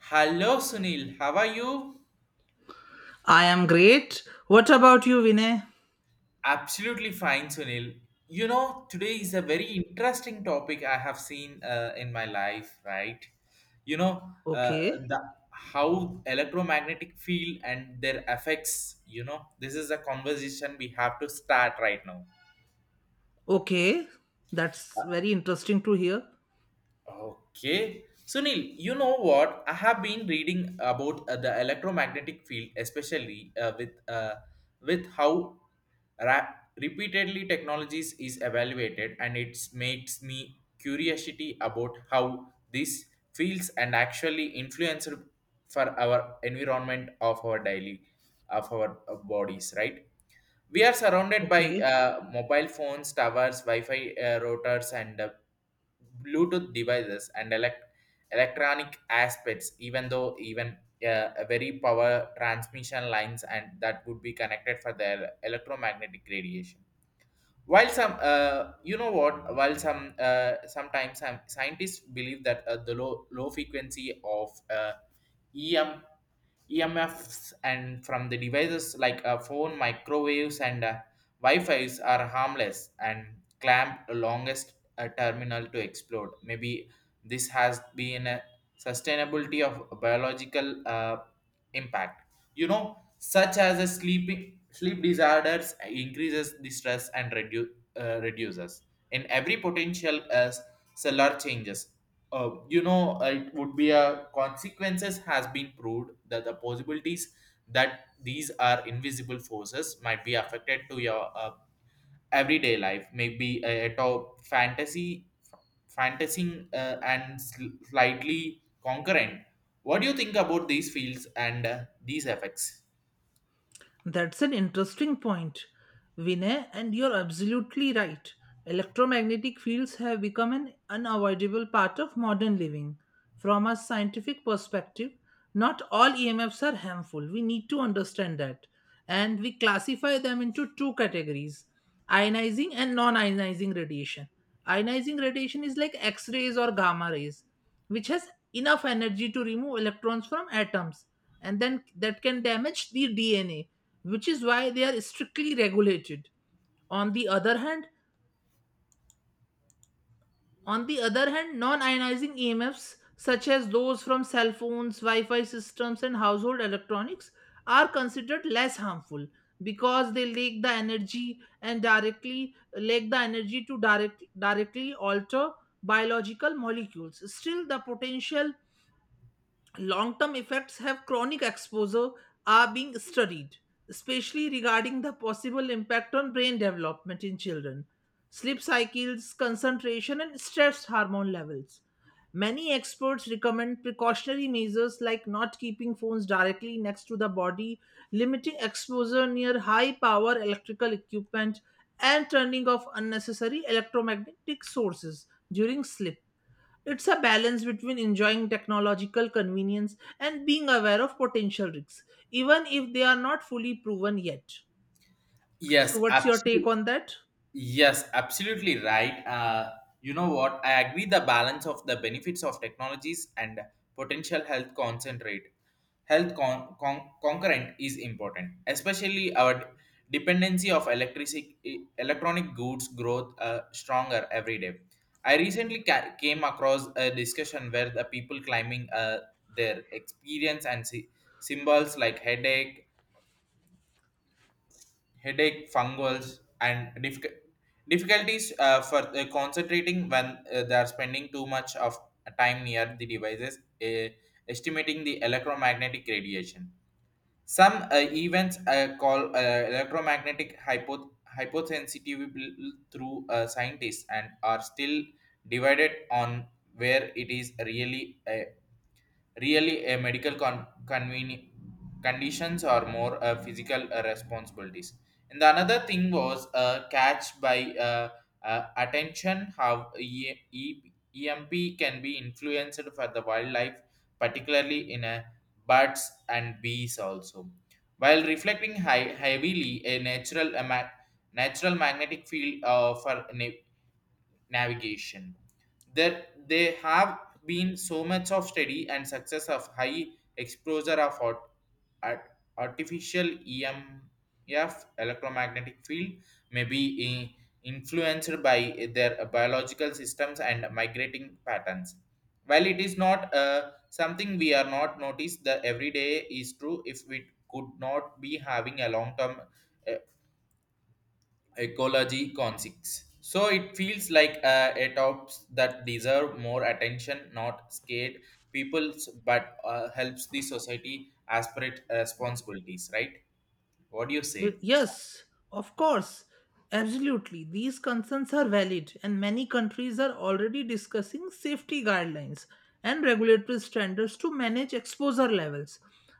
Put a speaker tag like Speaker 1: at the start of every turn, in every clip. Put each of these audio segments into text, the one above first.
Speaker 1: Hello, Sunil. How are you?
Speaker 2: I am great. What about you, Vinay?
Speaker 1: Absolutely fine, Sunil. You know, today is a very interesting topic I have seen in my life, right? You know, uh,
Speaker 2: Okay.
Speaker 1: the How electromagnetic field and their effects. You know, this is a conversation we have to start right now.
Speaker 2: Okay. That's very interesting to hear.
Speaker 1: Okay. Sunil, you know what? I have been reading about the electromagnetic field, especially with how ra- repeatedly technologies is evaluated, and it makes me curiosity about how these fields and actually influence for our environment of our daily of our bodies, right? We are surrounded by
Speaker 2: Okay.
Speaker 1: mobile phones, towers, Wi-Fi routers, and Bluetooth devices and electronic aspects, even though even a very power transmission lines and that would be connected for their electromagnetic radiation. While some, while some, sometimes some scientists believe that the low frequency of EM, EMFs and from the devices like a phone, microwaves, and Wi-Fi's are harmless and clamp the longest terminal to explode. Maybe this has been a sustainability of biological impact. You know, such as a Sleep disorders increases the stress and reduces in every potential as cellular changes. It would be a consequences has been proved that the possibilities that these are invisible forces might be affected to your everyday life, maybe a top fantasy, fantasy and slightly concurrent. What do you think about these fields and these effects?
Speaker 2: That's an interesting point, Vinay, and you're absolutely right. Electromagnetic fields have become an unavoidable part of modern living. From a scientific perspective, not all EMFs are harmful. We need to understand that. And we classify them into two categories, ionizing and non ionizing radiation. Ionizing radiation is like X rays or gamma rays, which has enough energy to remove electrons from atoms, and then that can damage the DNA, which is why they are strictly regulated. On the other hand, on the other hand, non-ionizing EMFs such as those from cell phones, Wi-Fi systems, and household electronics are considered less harmful because they lack the energy and directly lack the energy to directly alter biological molecules. Still, the potential long term effects have chronic exposure are being studied, especially regarding the possible impact on brain development in children, sleep cycles, concentration, and stress hormone levels. Many experts recommend precautionary measures like not keeping phones directly next to the body, limiting exposure near high power electrical equipment, and turning off unnecessary electromagnetic sources during sleep. It's a balance between enjoying technological convenience and being aware of potential risks, even if they are not fully proven yet. So,
Speaker 1: Yes,
Speaker 2: what's your take
Speaker 1: absolutely.
Speaker 2: on that?
Speaker 1: Yes, absolutely right. You know what? I agree the balance of the benefits of technologies and potential health concentrate. Health concurrent is important, especially our dependency of electricity, electronic goods growth stronger every day. I recently came across a discussion where the people climbing their experience and symbols like headache, fungals, and difficulties for concentrating when they are spending too much of time near the devices, estimating the electromagnetic radiation. Some events call electromagnetic hyposensitive through scientists and are still divided on where it is really really, a medical conditions or more physical responsibilities. And the another thing was catch by attention how EMP can be influenced for the wildlife, particularly in birds and bees also. While reflecting high, heavily a natural a natural magnetic field for navigation. There they have been so much of study and success of high exposure of art- artificial EMF electromagnetic field may be influenced by their biological systems and migrating patterns. While it is not something we are not noticed, the everyday is true if we could not be having a long term ecology concepts. So it feels like a tops that deserve more attention, not scared peoples, but helps the society aspirate responsibilities. Right? What do you
Speaker 2: But
Speaker 1: say?
Speaker 2: yes, of course, absolutely. These concerns are valid, and many countries are already discussing safety guidelines and regulatory standards to manage exposure levels.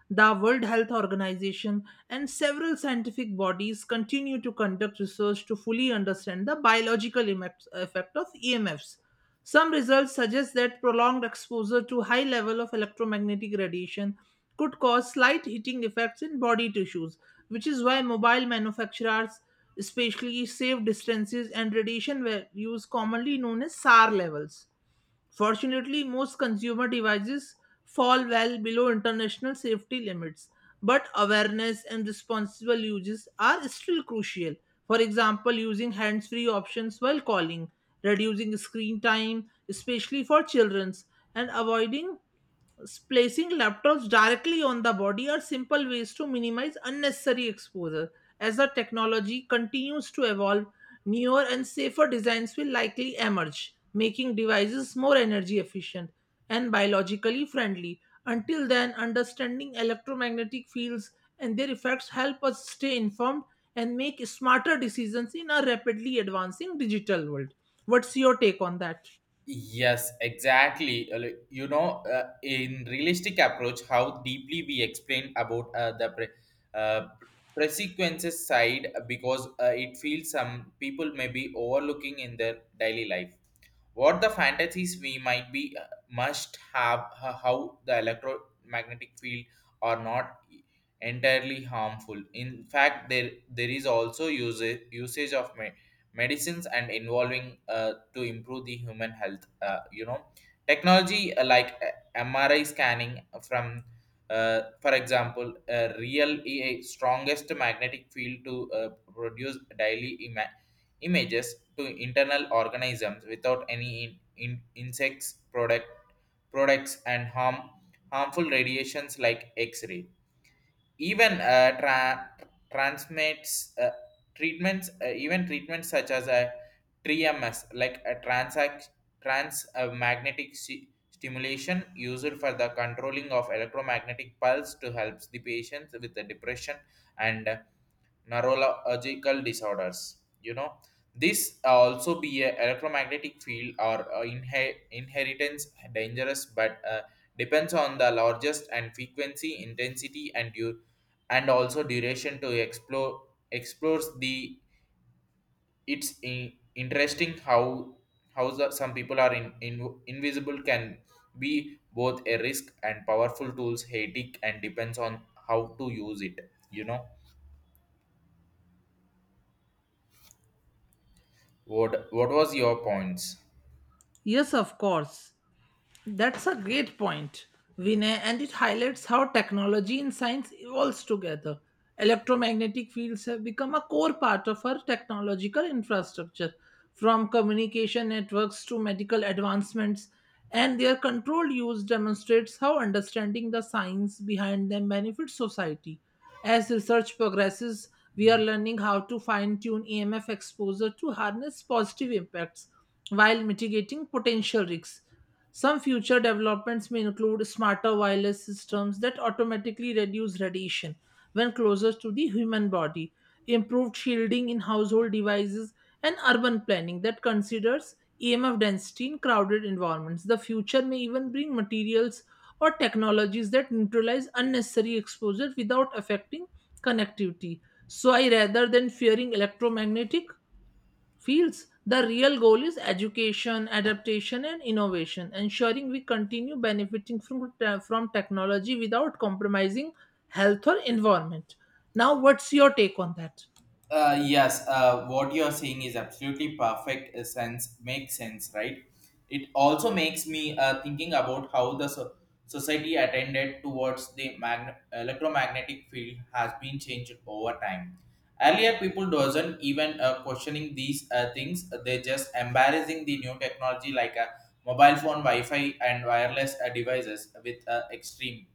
Speaker 2: The World Health Organization and several scientific bodies continue to conduct research to fully understand the biological effect of EMFs. Some results suggest that prolonged exposure to high level of electromagnetic radiation could cause slight heating effects in body tissues, which is why mobile manufacturers especially save distances and radiation values commonly known as SAR levels. Fortunately, most consumer devices fall well below international safety limits, but awareness and responsible uses are still crucial. For example, using hands free options while calling, reducing screen time, especially for children, and avoiding placing laptops directly on the body are simple ways to minimize unnecessary exposure. As the technology continues to evolve, newer and safer designs will likely emerge, making devices more energy efficient and biologically friendly. Until then, understanding electromagnetic fields and their effects help us stay informed and make smarter decisions in a rapidly advancing digital world. What's your take on that?
Speaker 1: Yes, exactly. You know, in realistic approach, how deeply we explain about the uh, consequences side, because it feels some people may be overlooking in their daily life. What the fantasies we might be must have how the electromagnetic field are not entirely harmful. In fact, there is also use usage of medicines and involving to improve the human health. You know, technology like MRI scanning from for example, a real a strongest magnetic field to produce daily images to internal organisms without any insects products and harmful radiations like x-ray, even transmits treatments even treatments such as a 3MS like a trans magnetic stimulation used for the controlling of electromagnetic pulse to helps the patients with the depression and neurological disorders. You know, this also be a electromagnetic field or inheritance dangerous, but depends on the largest and frequency, intensity, and and also duration to explores the it's interesting how some people are in invisible can be both a risk and powerful tools hectic and depends on how to use it, you know? What was your points?
Speaker 2: Yes, of course. That's a great point, Vinay, and it highlights how technology and science evolves together. Electromagnetic fields have become a core part of our technological infrastructure, from communication networks to medical advancements, and their controlled use demonstrates how understanding the science behind them benefits society. As research progresses, we are learning how to fine tune EMF exposure to harness positive impacts while mitigating potential risks. Some future developments may include smarter wireless systems that automatically reduce radiation when closer to the human body, improved shielding in household devices, and urban planning that considers EMF density in crowded environments. The future may even bring materials or technologies that neutralize unnecessary exposure without affecting connectivity. So, I rather than fearing electromagnetic fields, the real goal is education, adaptation, and innovation, ensuring we continue benefiting from technology without compromising health or environment. Now, what's your take on that?
Speaker 1: Yes, what you're saying is absolutely perfect makes sense, right? It also makes me thinking about how the society attended towards the electromagnetic field has been changed over time. Earlier, people doesn't even questioning these things. They just embarrassing the new technology like a mobile phone, Wi-Fi, and wireless devices with extreme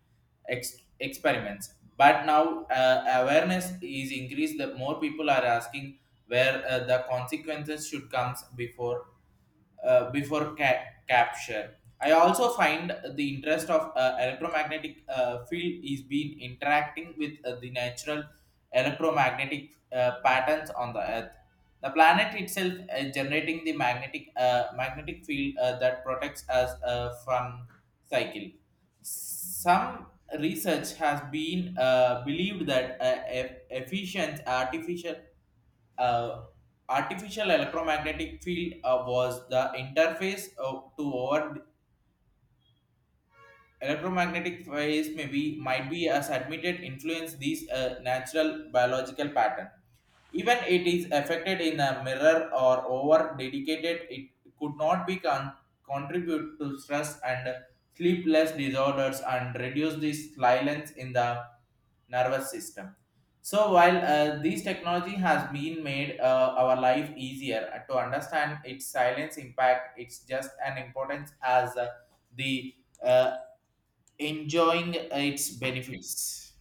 Speaker 1: experiments, but now awareness is increased. The more people are asking where the consequences should comes before before capture. I also find the interest of electromagnetic field is being interacting with the natural electromagnetic patterns on the earth. The planet itself is generating the magnetic field that protects us from cycle. Some research has been believed that efficient uh, artificial electromagnetic field was the interface of, to our electromagnetic phase may be might be as admitted influence these natural biological pattern, even it is affected in a mirror or over dedicated, it could not be contribute to stress and sleepless disorders and reduce the silence in the nervous system. So while this technology has been made our life easier to understand its silence impact, it's just an importance as the uh, enjoying its benefits.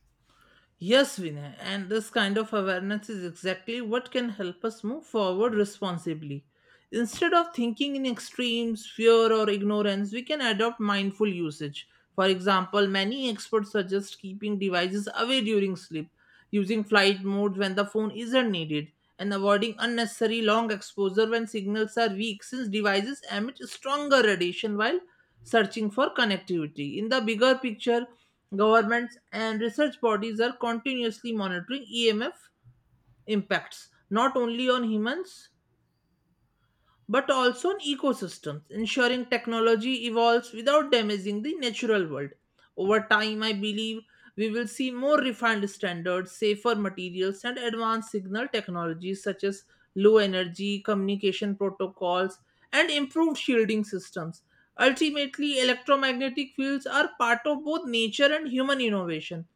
Speaker 2: Yes, Vinay, and this kind of awareness is exactly what can help us move forward responsibly. Instead of thinking in extremes, fear, or ignorance, we can adopt mindful usage. For example, many experts suggest keeping devices away during sleep, using flight mode when the phone isn't needed, and avoiding unnecessary long exposure when signals are weak, since devices emit stronger radiation while searching for connectivity. In the bigger picture, governments and research bodies are continuously monitoring EMF impacts, not only on humans but also on ecosystems, ensuring technology evolves without damaging the natural world. Over time, I believe we will see more refined standards, safer materials, and advanced signal technologies such as low energy communication protocols and improved shielding systems. Ultimately, electromagnetic fields are part of both nature and human innovation,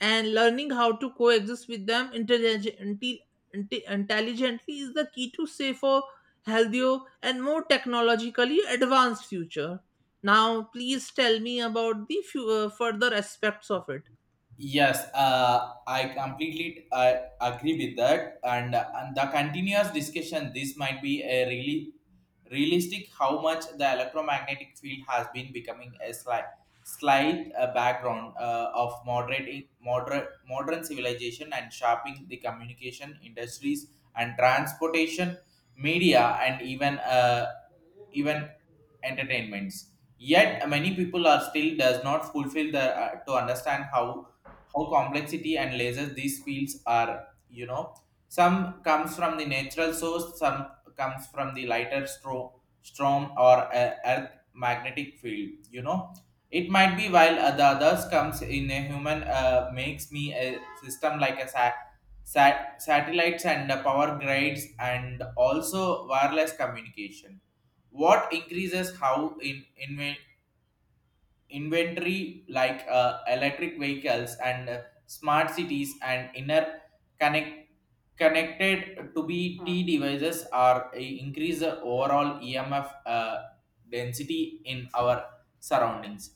Speaker 2: and learning how to coexist with them intelligently is the key to safer, healthier and more technologically advanced future. Now please tell me about the few, further aspects of it.
Speaker 1: Yes, I completely I agree with that, and the continuous discussion. This might be a really realistic how much the electromagnetic field has been becoming a slight background of modern civilization and shaping the communication industries and transportation media and even even entertainments. Yet many people are still does not fulfill the to understand how complexity and lasers these fields are, you know? Some comes from the natural source, some comes from the lighter storm or a earth magnetic field, you know? It might be while the others comes in a human makes me a system like a satellites and power grids and also wireless communication, what increases how in inventory like electric vehicles and smart cities and inner connect connected to be T devices are increase the overall EMF density in our surroundings.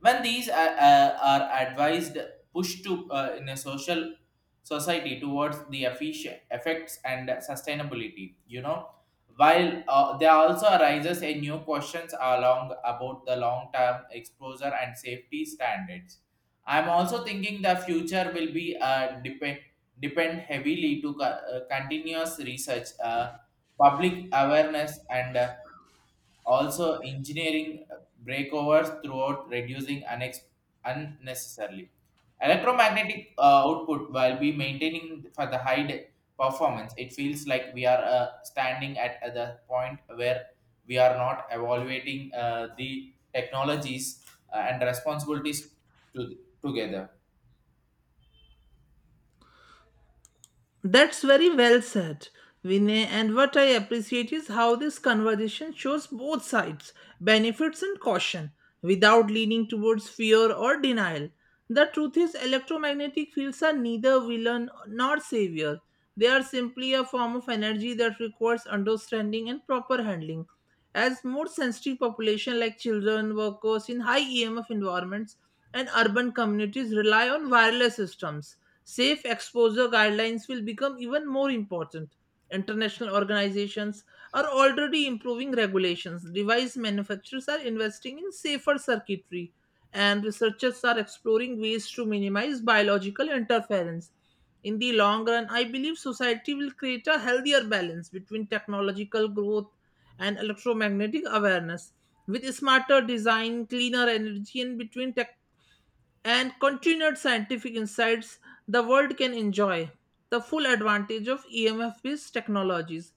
Speaker 1: When these are advised, push to in a social society towards the efficient effects and sustainability. You know, while there also arises a new questions along about the long-term exposure and safety standards. I'm also thinking the future will be depend heavily to continuous research, public awareness, and also engineering breakovers throughout reducing unnecessarily electromagnetic output while we maintaining for the high performance. It feels like we are standing at the point where we are not evaluating the technologies and responsibilities together.
Speaker 2: That's very well said, Vinay. And what I appreciate is how this conversation shows both sides, benefits and caution, without leaning towards fear or denial. The truth is, electromagnetic fields are neither villain nor savior. They are simply a form of energy that requires understanding and proper handling. As more sensitive population like children, workers in high EMF environments, and urban communities rely on wireless systems, safe exposure guidelines will become even more important. International organizations are already improving regulations. Device manufacturers are investing in safer circuitry, and researchers are exploring ways to minimize biological interference. In the long run, I believe society will create a healthier balance between technological growth and electromagnetic awareness with smarter design, cleaner energy, and between tech and continued scientific insights the world can enjoy the full advantage of EMF based technologies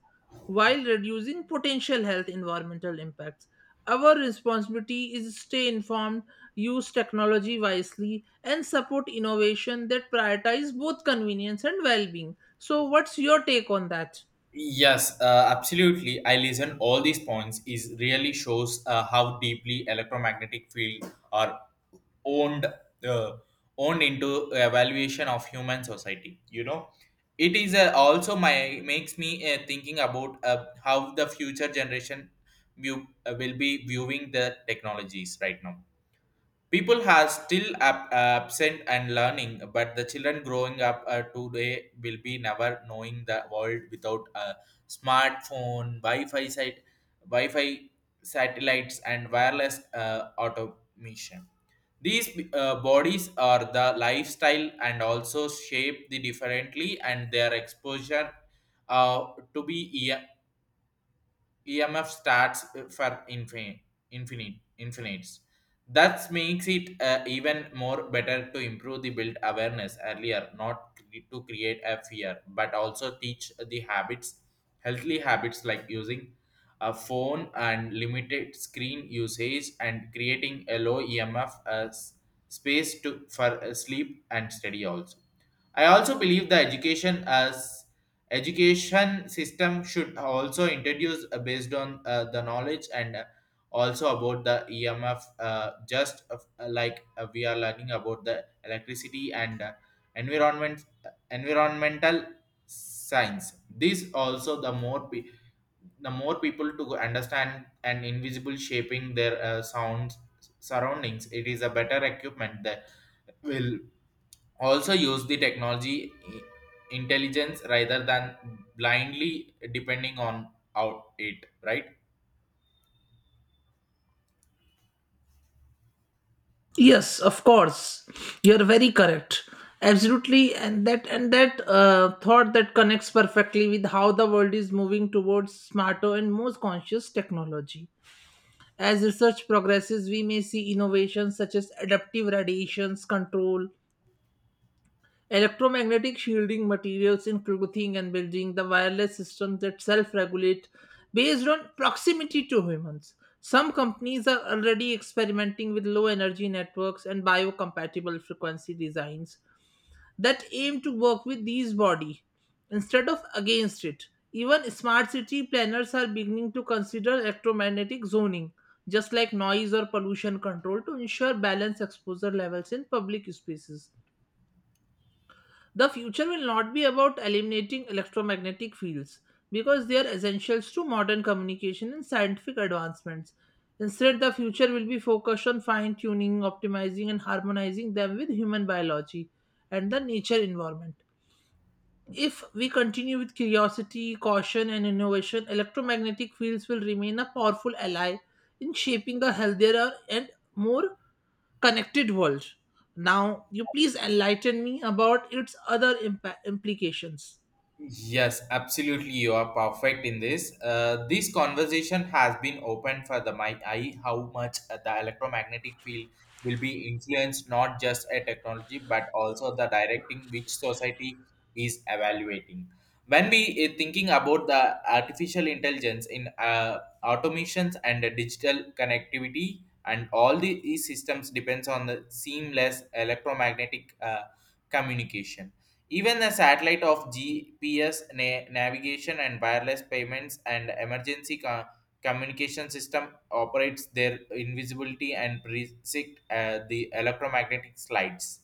Speaker 2: while reducing potential health environmental impacts. Our responsibility is to stay informed, use technology wisely, and support innovation that prioritize both convenience and well being. So, what's your take on that?
Speaker 1: Yes, absolutely. I listen all these points is really shows how deeply electromagnetic field are owned uh, owned into evaluation of human society, you know? It is also my makes me thinking about how the future generation will be viewing the technologies right now. People are still absent and learning, but the children growing up today will be never knowing the world without a smartphone wi-fi site Wi-Fi satellites and wireless automation. These bodies are the lifestyle and also shape the differently, and their exposure to be yeah, EMF starts for infinites. That makes it even more better to improve the build awareness earlier, not to create a fear, but also teach the habits, healthy habits like using a phone and limited screen usage and creating a low EMF as space to for sleep and study also. I also believe the education system should also introduce based on the knowledge and also about the EMF, just like we are learning about the electricity and environmental science. This also the the more people to understand and invisible shaping their sounds surroundings. It is a better equipment that will also use the technology intelligence rather than blindly depending on out it, right?
Speaker 2: Yes, of course. You're very correct. Absolutely, and that thought that connects perfectly with how the world is moving towards smarter and more conscious technology. As research progresses, we may see innovations such as adaptive radiations control, electromagnetic shielding materials in clothing and building, the wireless systems that self regulate based on proximity to humans. Some companies are already experimenting with low energy networks and biocompatible frequency designs that aim to work with these body instead of against it. Even smart city planners are beginning to consider electromagnetic zoning, just like noise or pollution control, to ensure balanced exposure levels in public spaces. The future will not be about eliminating electromagnetic fields because they are essentials to modern communication and scientific advancements. Instead, the future will be focused on fine tuning, optimizing, and harmonizing them with human biology and the nature environment. If we continue with curiosity, caution, and innovation, electromagnetic fields will remain a powerful ally in shaping a healthier and more connected world. Now, you please enlighten me about its other implications.
Speaker 1: Yes, absolutely. You are perfect in this. This conversation has been open for the my eye how much the electromagnetic field will be influenced not just a technology but also the directing which society is evaluating. When we thinking about the artificial intelligence in automations and the digital connectivity and all these systems depends on the seamless electromagnetic communication even the satellite of GPS navigation and wireless payments and emergency communication system operates their invisibility and predict the electromagnetic slides,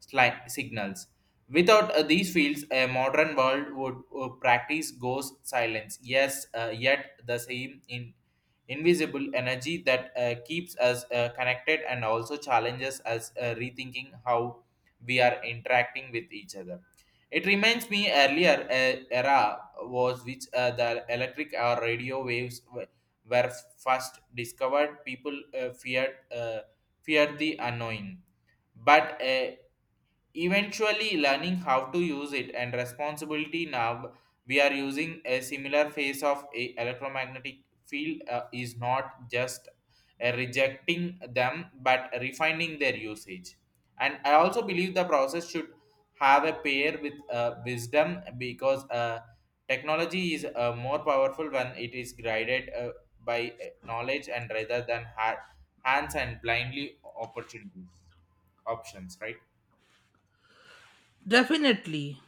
Speaker 1: signals. Without these fields, a modern world would practice goes silence. Yes, yet the same in invisible energy that keeps us connected and also challenges us rethinking how we are interacting with each other. It reminds me earlier era was which the electric or radio waves were first discovered. People feared the unknown, but eventually, learning how to use it and responsibility now we are using a similar phase of a electromagnetic field is not just rejecting them but refining their usage. And I also believe the process should have a pair with wisdom because technology is more powerful when it is guided by knowledge and rather than hands and blindly opportunities options, right?
Speaker 2: Definitely,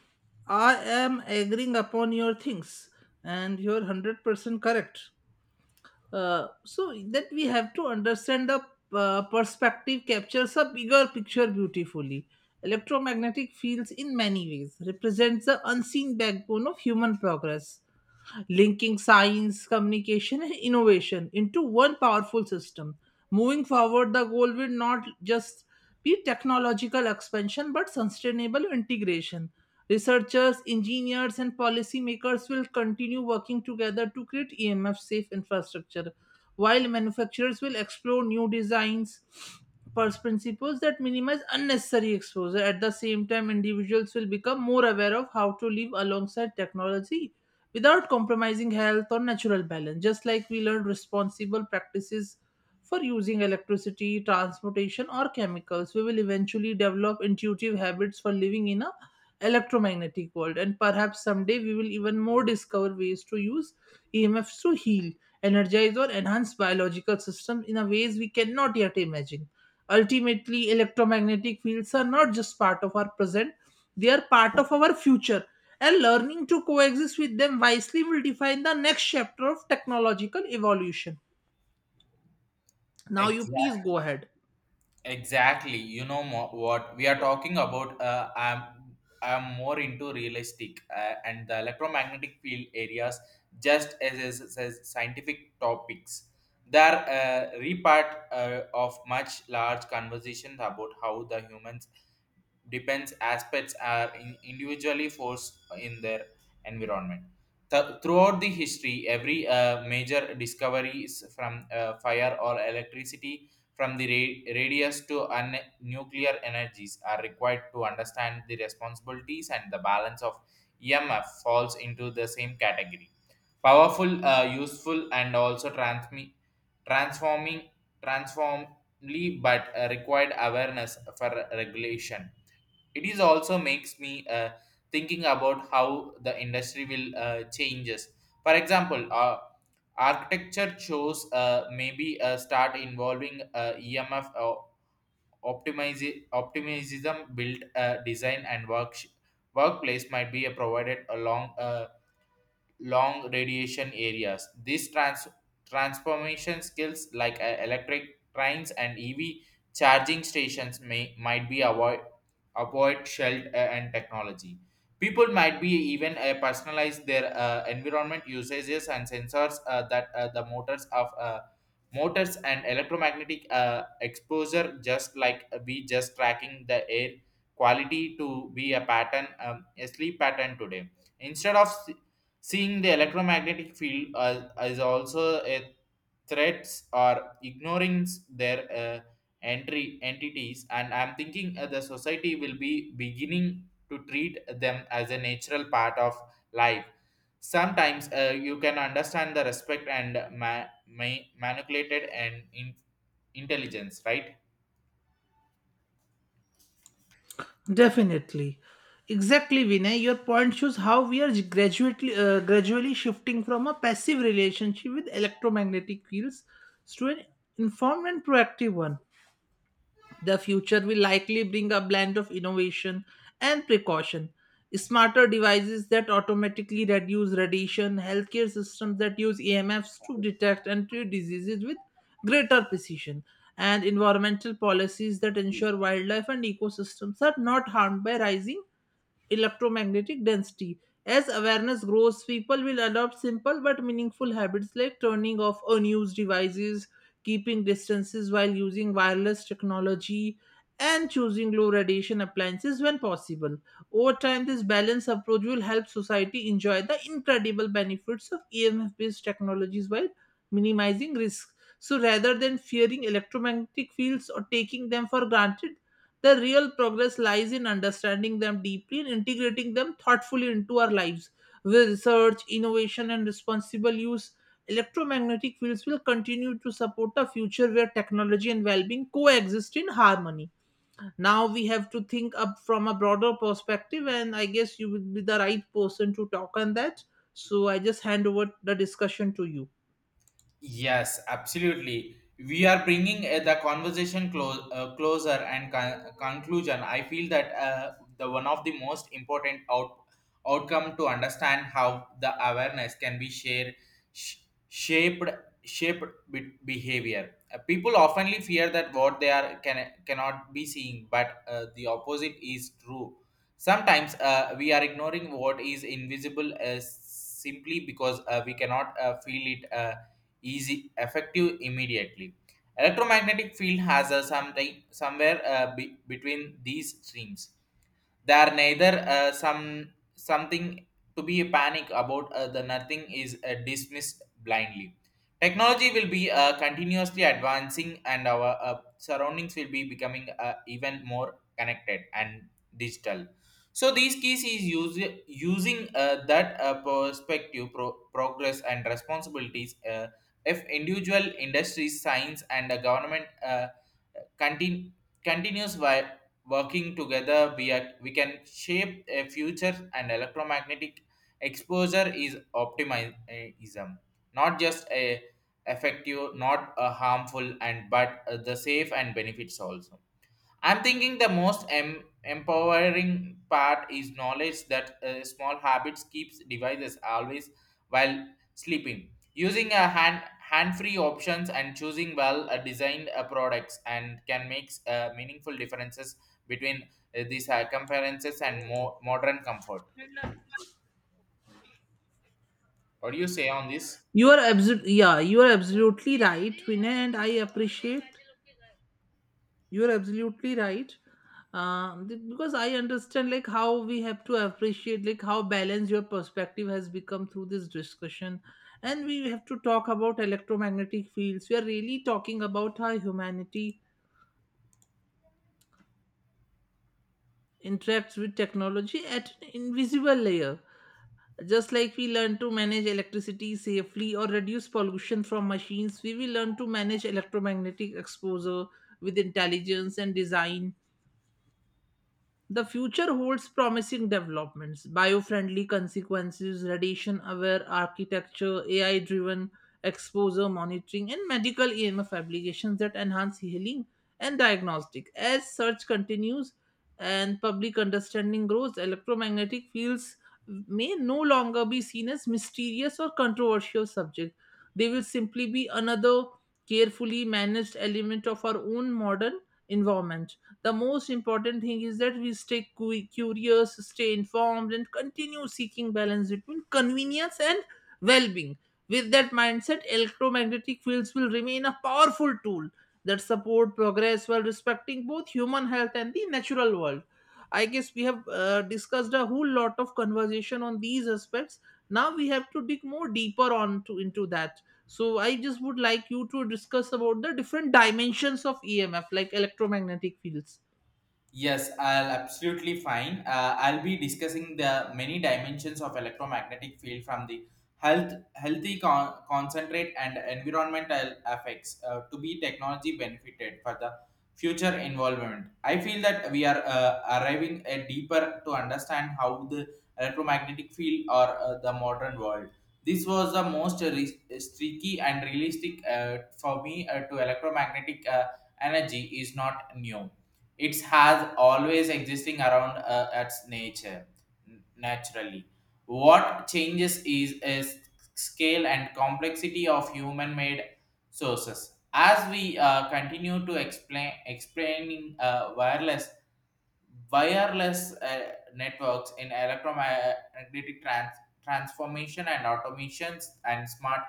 Speaker 2: I am agreeing upon your things, and you're 100% correct. So, that we have to understand the perspective captures a bigger picture beautifully. Electromagnetic fields, in many ways, represents the unseen backbone of human progress, linking science, communication, and innovation into one powerful system. Moving forward, the goal will not just be technological expansion but sustainable integration. Researchers, engineers, and policymakers will continue working together to create EMF safe infrastructure, while manufacturers will explore new designs, first principles that minimize unnecessary exposure. At the same time, individuals will become more aware of how to live alongside technology without compromising health or natural balance, just like we learn responsible practices for using electricity, transportation, or chemicals. We will eventually develop intuitive habits for living in a electromagnetic world, and perhaps someday we will even more discover ways to use EMFs to heal, energize or enhance biological systems in a ways we cannot yet imagine. Ultimately, electromagnetic fields are not just part of our present, they are part of our future, and learning to coexist with them wisely will define the next chapter of technological evolution. Now, you please
Speaker 1: Exactly.
Speaker 2: go ahead.
Speaker 1: Exactly. You know what we are talking about. I'm more into realistic and the electromagnetic field areas, just as scientific topics. They are a repart of much large conversations about how the human depends aspects are individually forced in their environment. Throughout the history, every major discovery is from fire or electricity, from the radius to nuclear energies, are required to understand the responsibilities and the balance of EMF falls into the same category. Powerful, useful, and also transforming, transformly, but required awareness for regulation. It is also makes me thinking about how the industry will changes, for example architecture shows maybe start involving emf or optimize optimism built design and workplace might be provided along long radiation areas. These transformation skills, like electric trains and EV charging stations, may might be avoid shelled and technology. People might be even personalize their environment usages and sensors that the motors of motors and electromagnetic exposure, just like we just tracking the air quality to be a pattern, a sleep pattern today instead of seeing the electromagnetic field as also a threats or ignoring their entry entities, and I'm thinking the society will be beginning to treat them as a natural part of life. Sometimes you can understand the respect and manipulated and intelligence, right?
Speaker 2: Definitely. Exactly, Vinay. Your point shows how we are gradually shifting from a passive relationship with electromagnetic fields to an informed and proactive one. The future will likely bring a blend of innovation and precaution. Smarter devices that automatically reduce radiation, healthcare systems that use EMFs to detect and treat diseases with greater precision, and environmental policies that ensure wildlife and ecosystems are not harmed by rising electromagnetic density. As awareness grows, people will adopt simple but meaningful habits like turning off unused devices, keeping distances while using wireless technology, and choosing low radiation appliances when possible. Over time, this balanced approach will help society enjoy the incredible benefits of EMF based technologies while minimizing risk. So, rather than fearing electromagnetic fields or taking them for granted, the real progress lies in understanding them deeply and integrating them thoughtfully into our lives. With research, innovation, and responsible use, electromagnetic fields will continue to support a future where technology and well being coexist in harmony. Now we have to think up from a broader perspective, and I guess you will be the right person to talk on that. So I just hand over the discussion to you.
Speaker 1: Yes, absolutely. We are bringing the conversation closer and conclusion. I feel that the one of the most important outcome to understand how the awareness can be shared, sh- shaped, shaped behavior. People oftenly fear that what they are cannot be seen, but the opposite is true. Sometimes we are ignoring what is invisible simply because we cannot feel it easy, effective immediately. Electromagnetic field has a something somewhere between these streams. There neither something to be panic about the nothing is dismissed blindly. Technology will be continuously advancing, and our surroundings will be becoming even more connected and digital. So these keys is using that perspective, progress and responsibilities. If individual industries, science, and government continue continues working together, we can shape a future and electromagnetic exposure is optimism, not just a effective, not a harmful, and but the safe and benefits also. I'm thinking the most empowering part is knowledge that small habits keeps devices always while sleeping. Using a hand-free options and choosing well designed products and can make meaningful differences between these comparisons and more modern comfort. What do you say on this?
Speaker 2: You are absolutely yeah, you are absolutely right, Vinay, and I appreciate you are absolutely right. Because I understand like how we have to appreciate like how balanced your perspective has become through this discussion, and we have to talk about electromagnetic fields. We are really talking about how humanity interacts with technology at an invisible layer. Just like we learn to manage electricity safely or reduce pollution from machines, we will learn to manage electromagnetic exposure with intelligence and design. The future holds promising developments, biofriendly consequences, radiation aware architecture, AI driven exposure monitoring, and medical EMF applications that enhance healing and diagnostic. As search continues and public understanding grows, electromagnetic fields may no longer be seen as mysterious or controversial subjects. They will simply be another carefully managed element of our own modern environment. The most important thing is that we stay curious, stay informed, and continue seeking balance between convenience and well being. With that mindset, electromagnetic fields will remain a powerful tool that support progress while respecting both human health and the natural world. I guess we have discussed a whole lot of conversation on these aspects. Now we have to dig more deeper on to into that. So I just would like you to discuss about the different dimensions of EMF, like electromagnetic fields.
Speaker 1: Yes, I'll absolutely fine. I'll be discussing the many dimensions of electromagnetic field from the healthy concentrate and environmental effects to be technology benefited for the future involvement. I feel that we are arriving a deeper to understand how the electromagnetic field or the modern world. This was the most streaky and realistic for me to electromagnetic energy is not new. It has always existing around its nature naturally. What changes is scale and complexity of human made sources as we continue to explaining wireless networks in electromagnetic transformation and automations and smart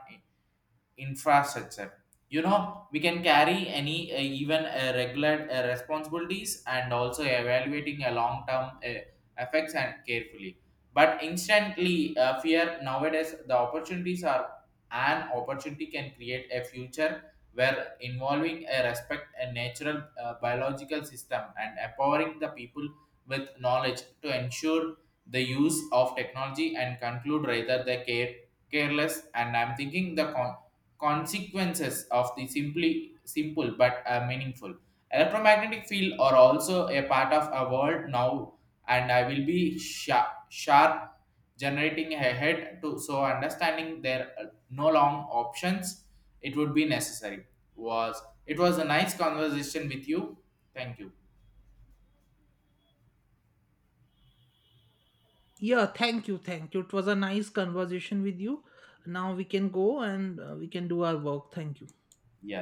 Speaker 1: infrastructure. You know we can carry any even regular responsibilities and also evaluating a long term effects and carefully, but instantly fear nowadays the opportunities are an opportunity can create a future where involving a respect a natural biological system and empowering the people with knowledge to ensure the use of technology and conclude rather the care careless. And I'm thinking the consequences of the simply simple but meaningful electromagnetic field are also a part of our world now, and I will be sharp generating ahead to so understanding their no long options. It would be necessary. Was it was a nice conversation with you. Thank you.
Speaker 2: Yeah, thank you, thank you. It was a nice conversation with you. Now we can go and we can do our work. Thank you.
Speaker 1: Yes.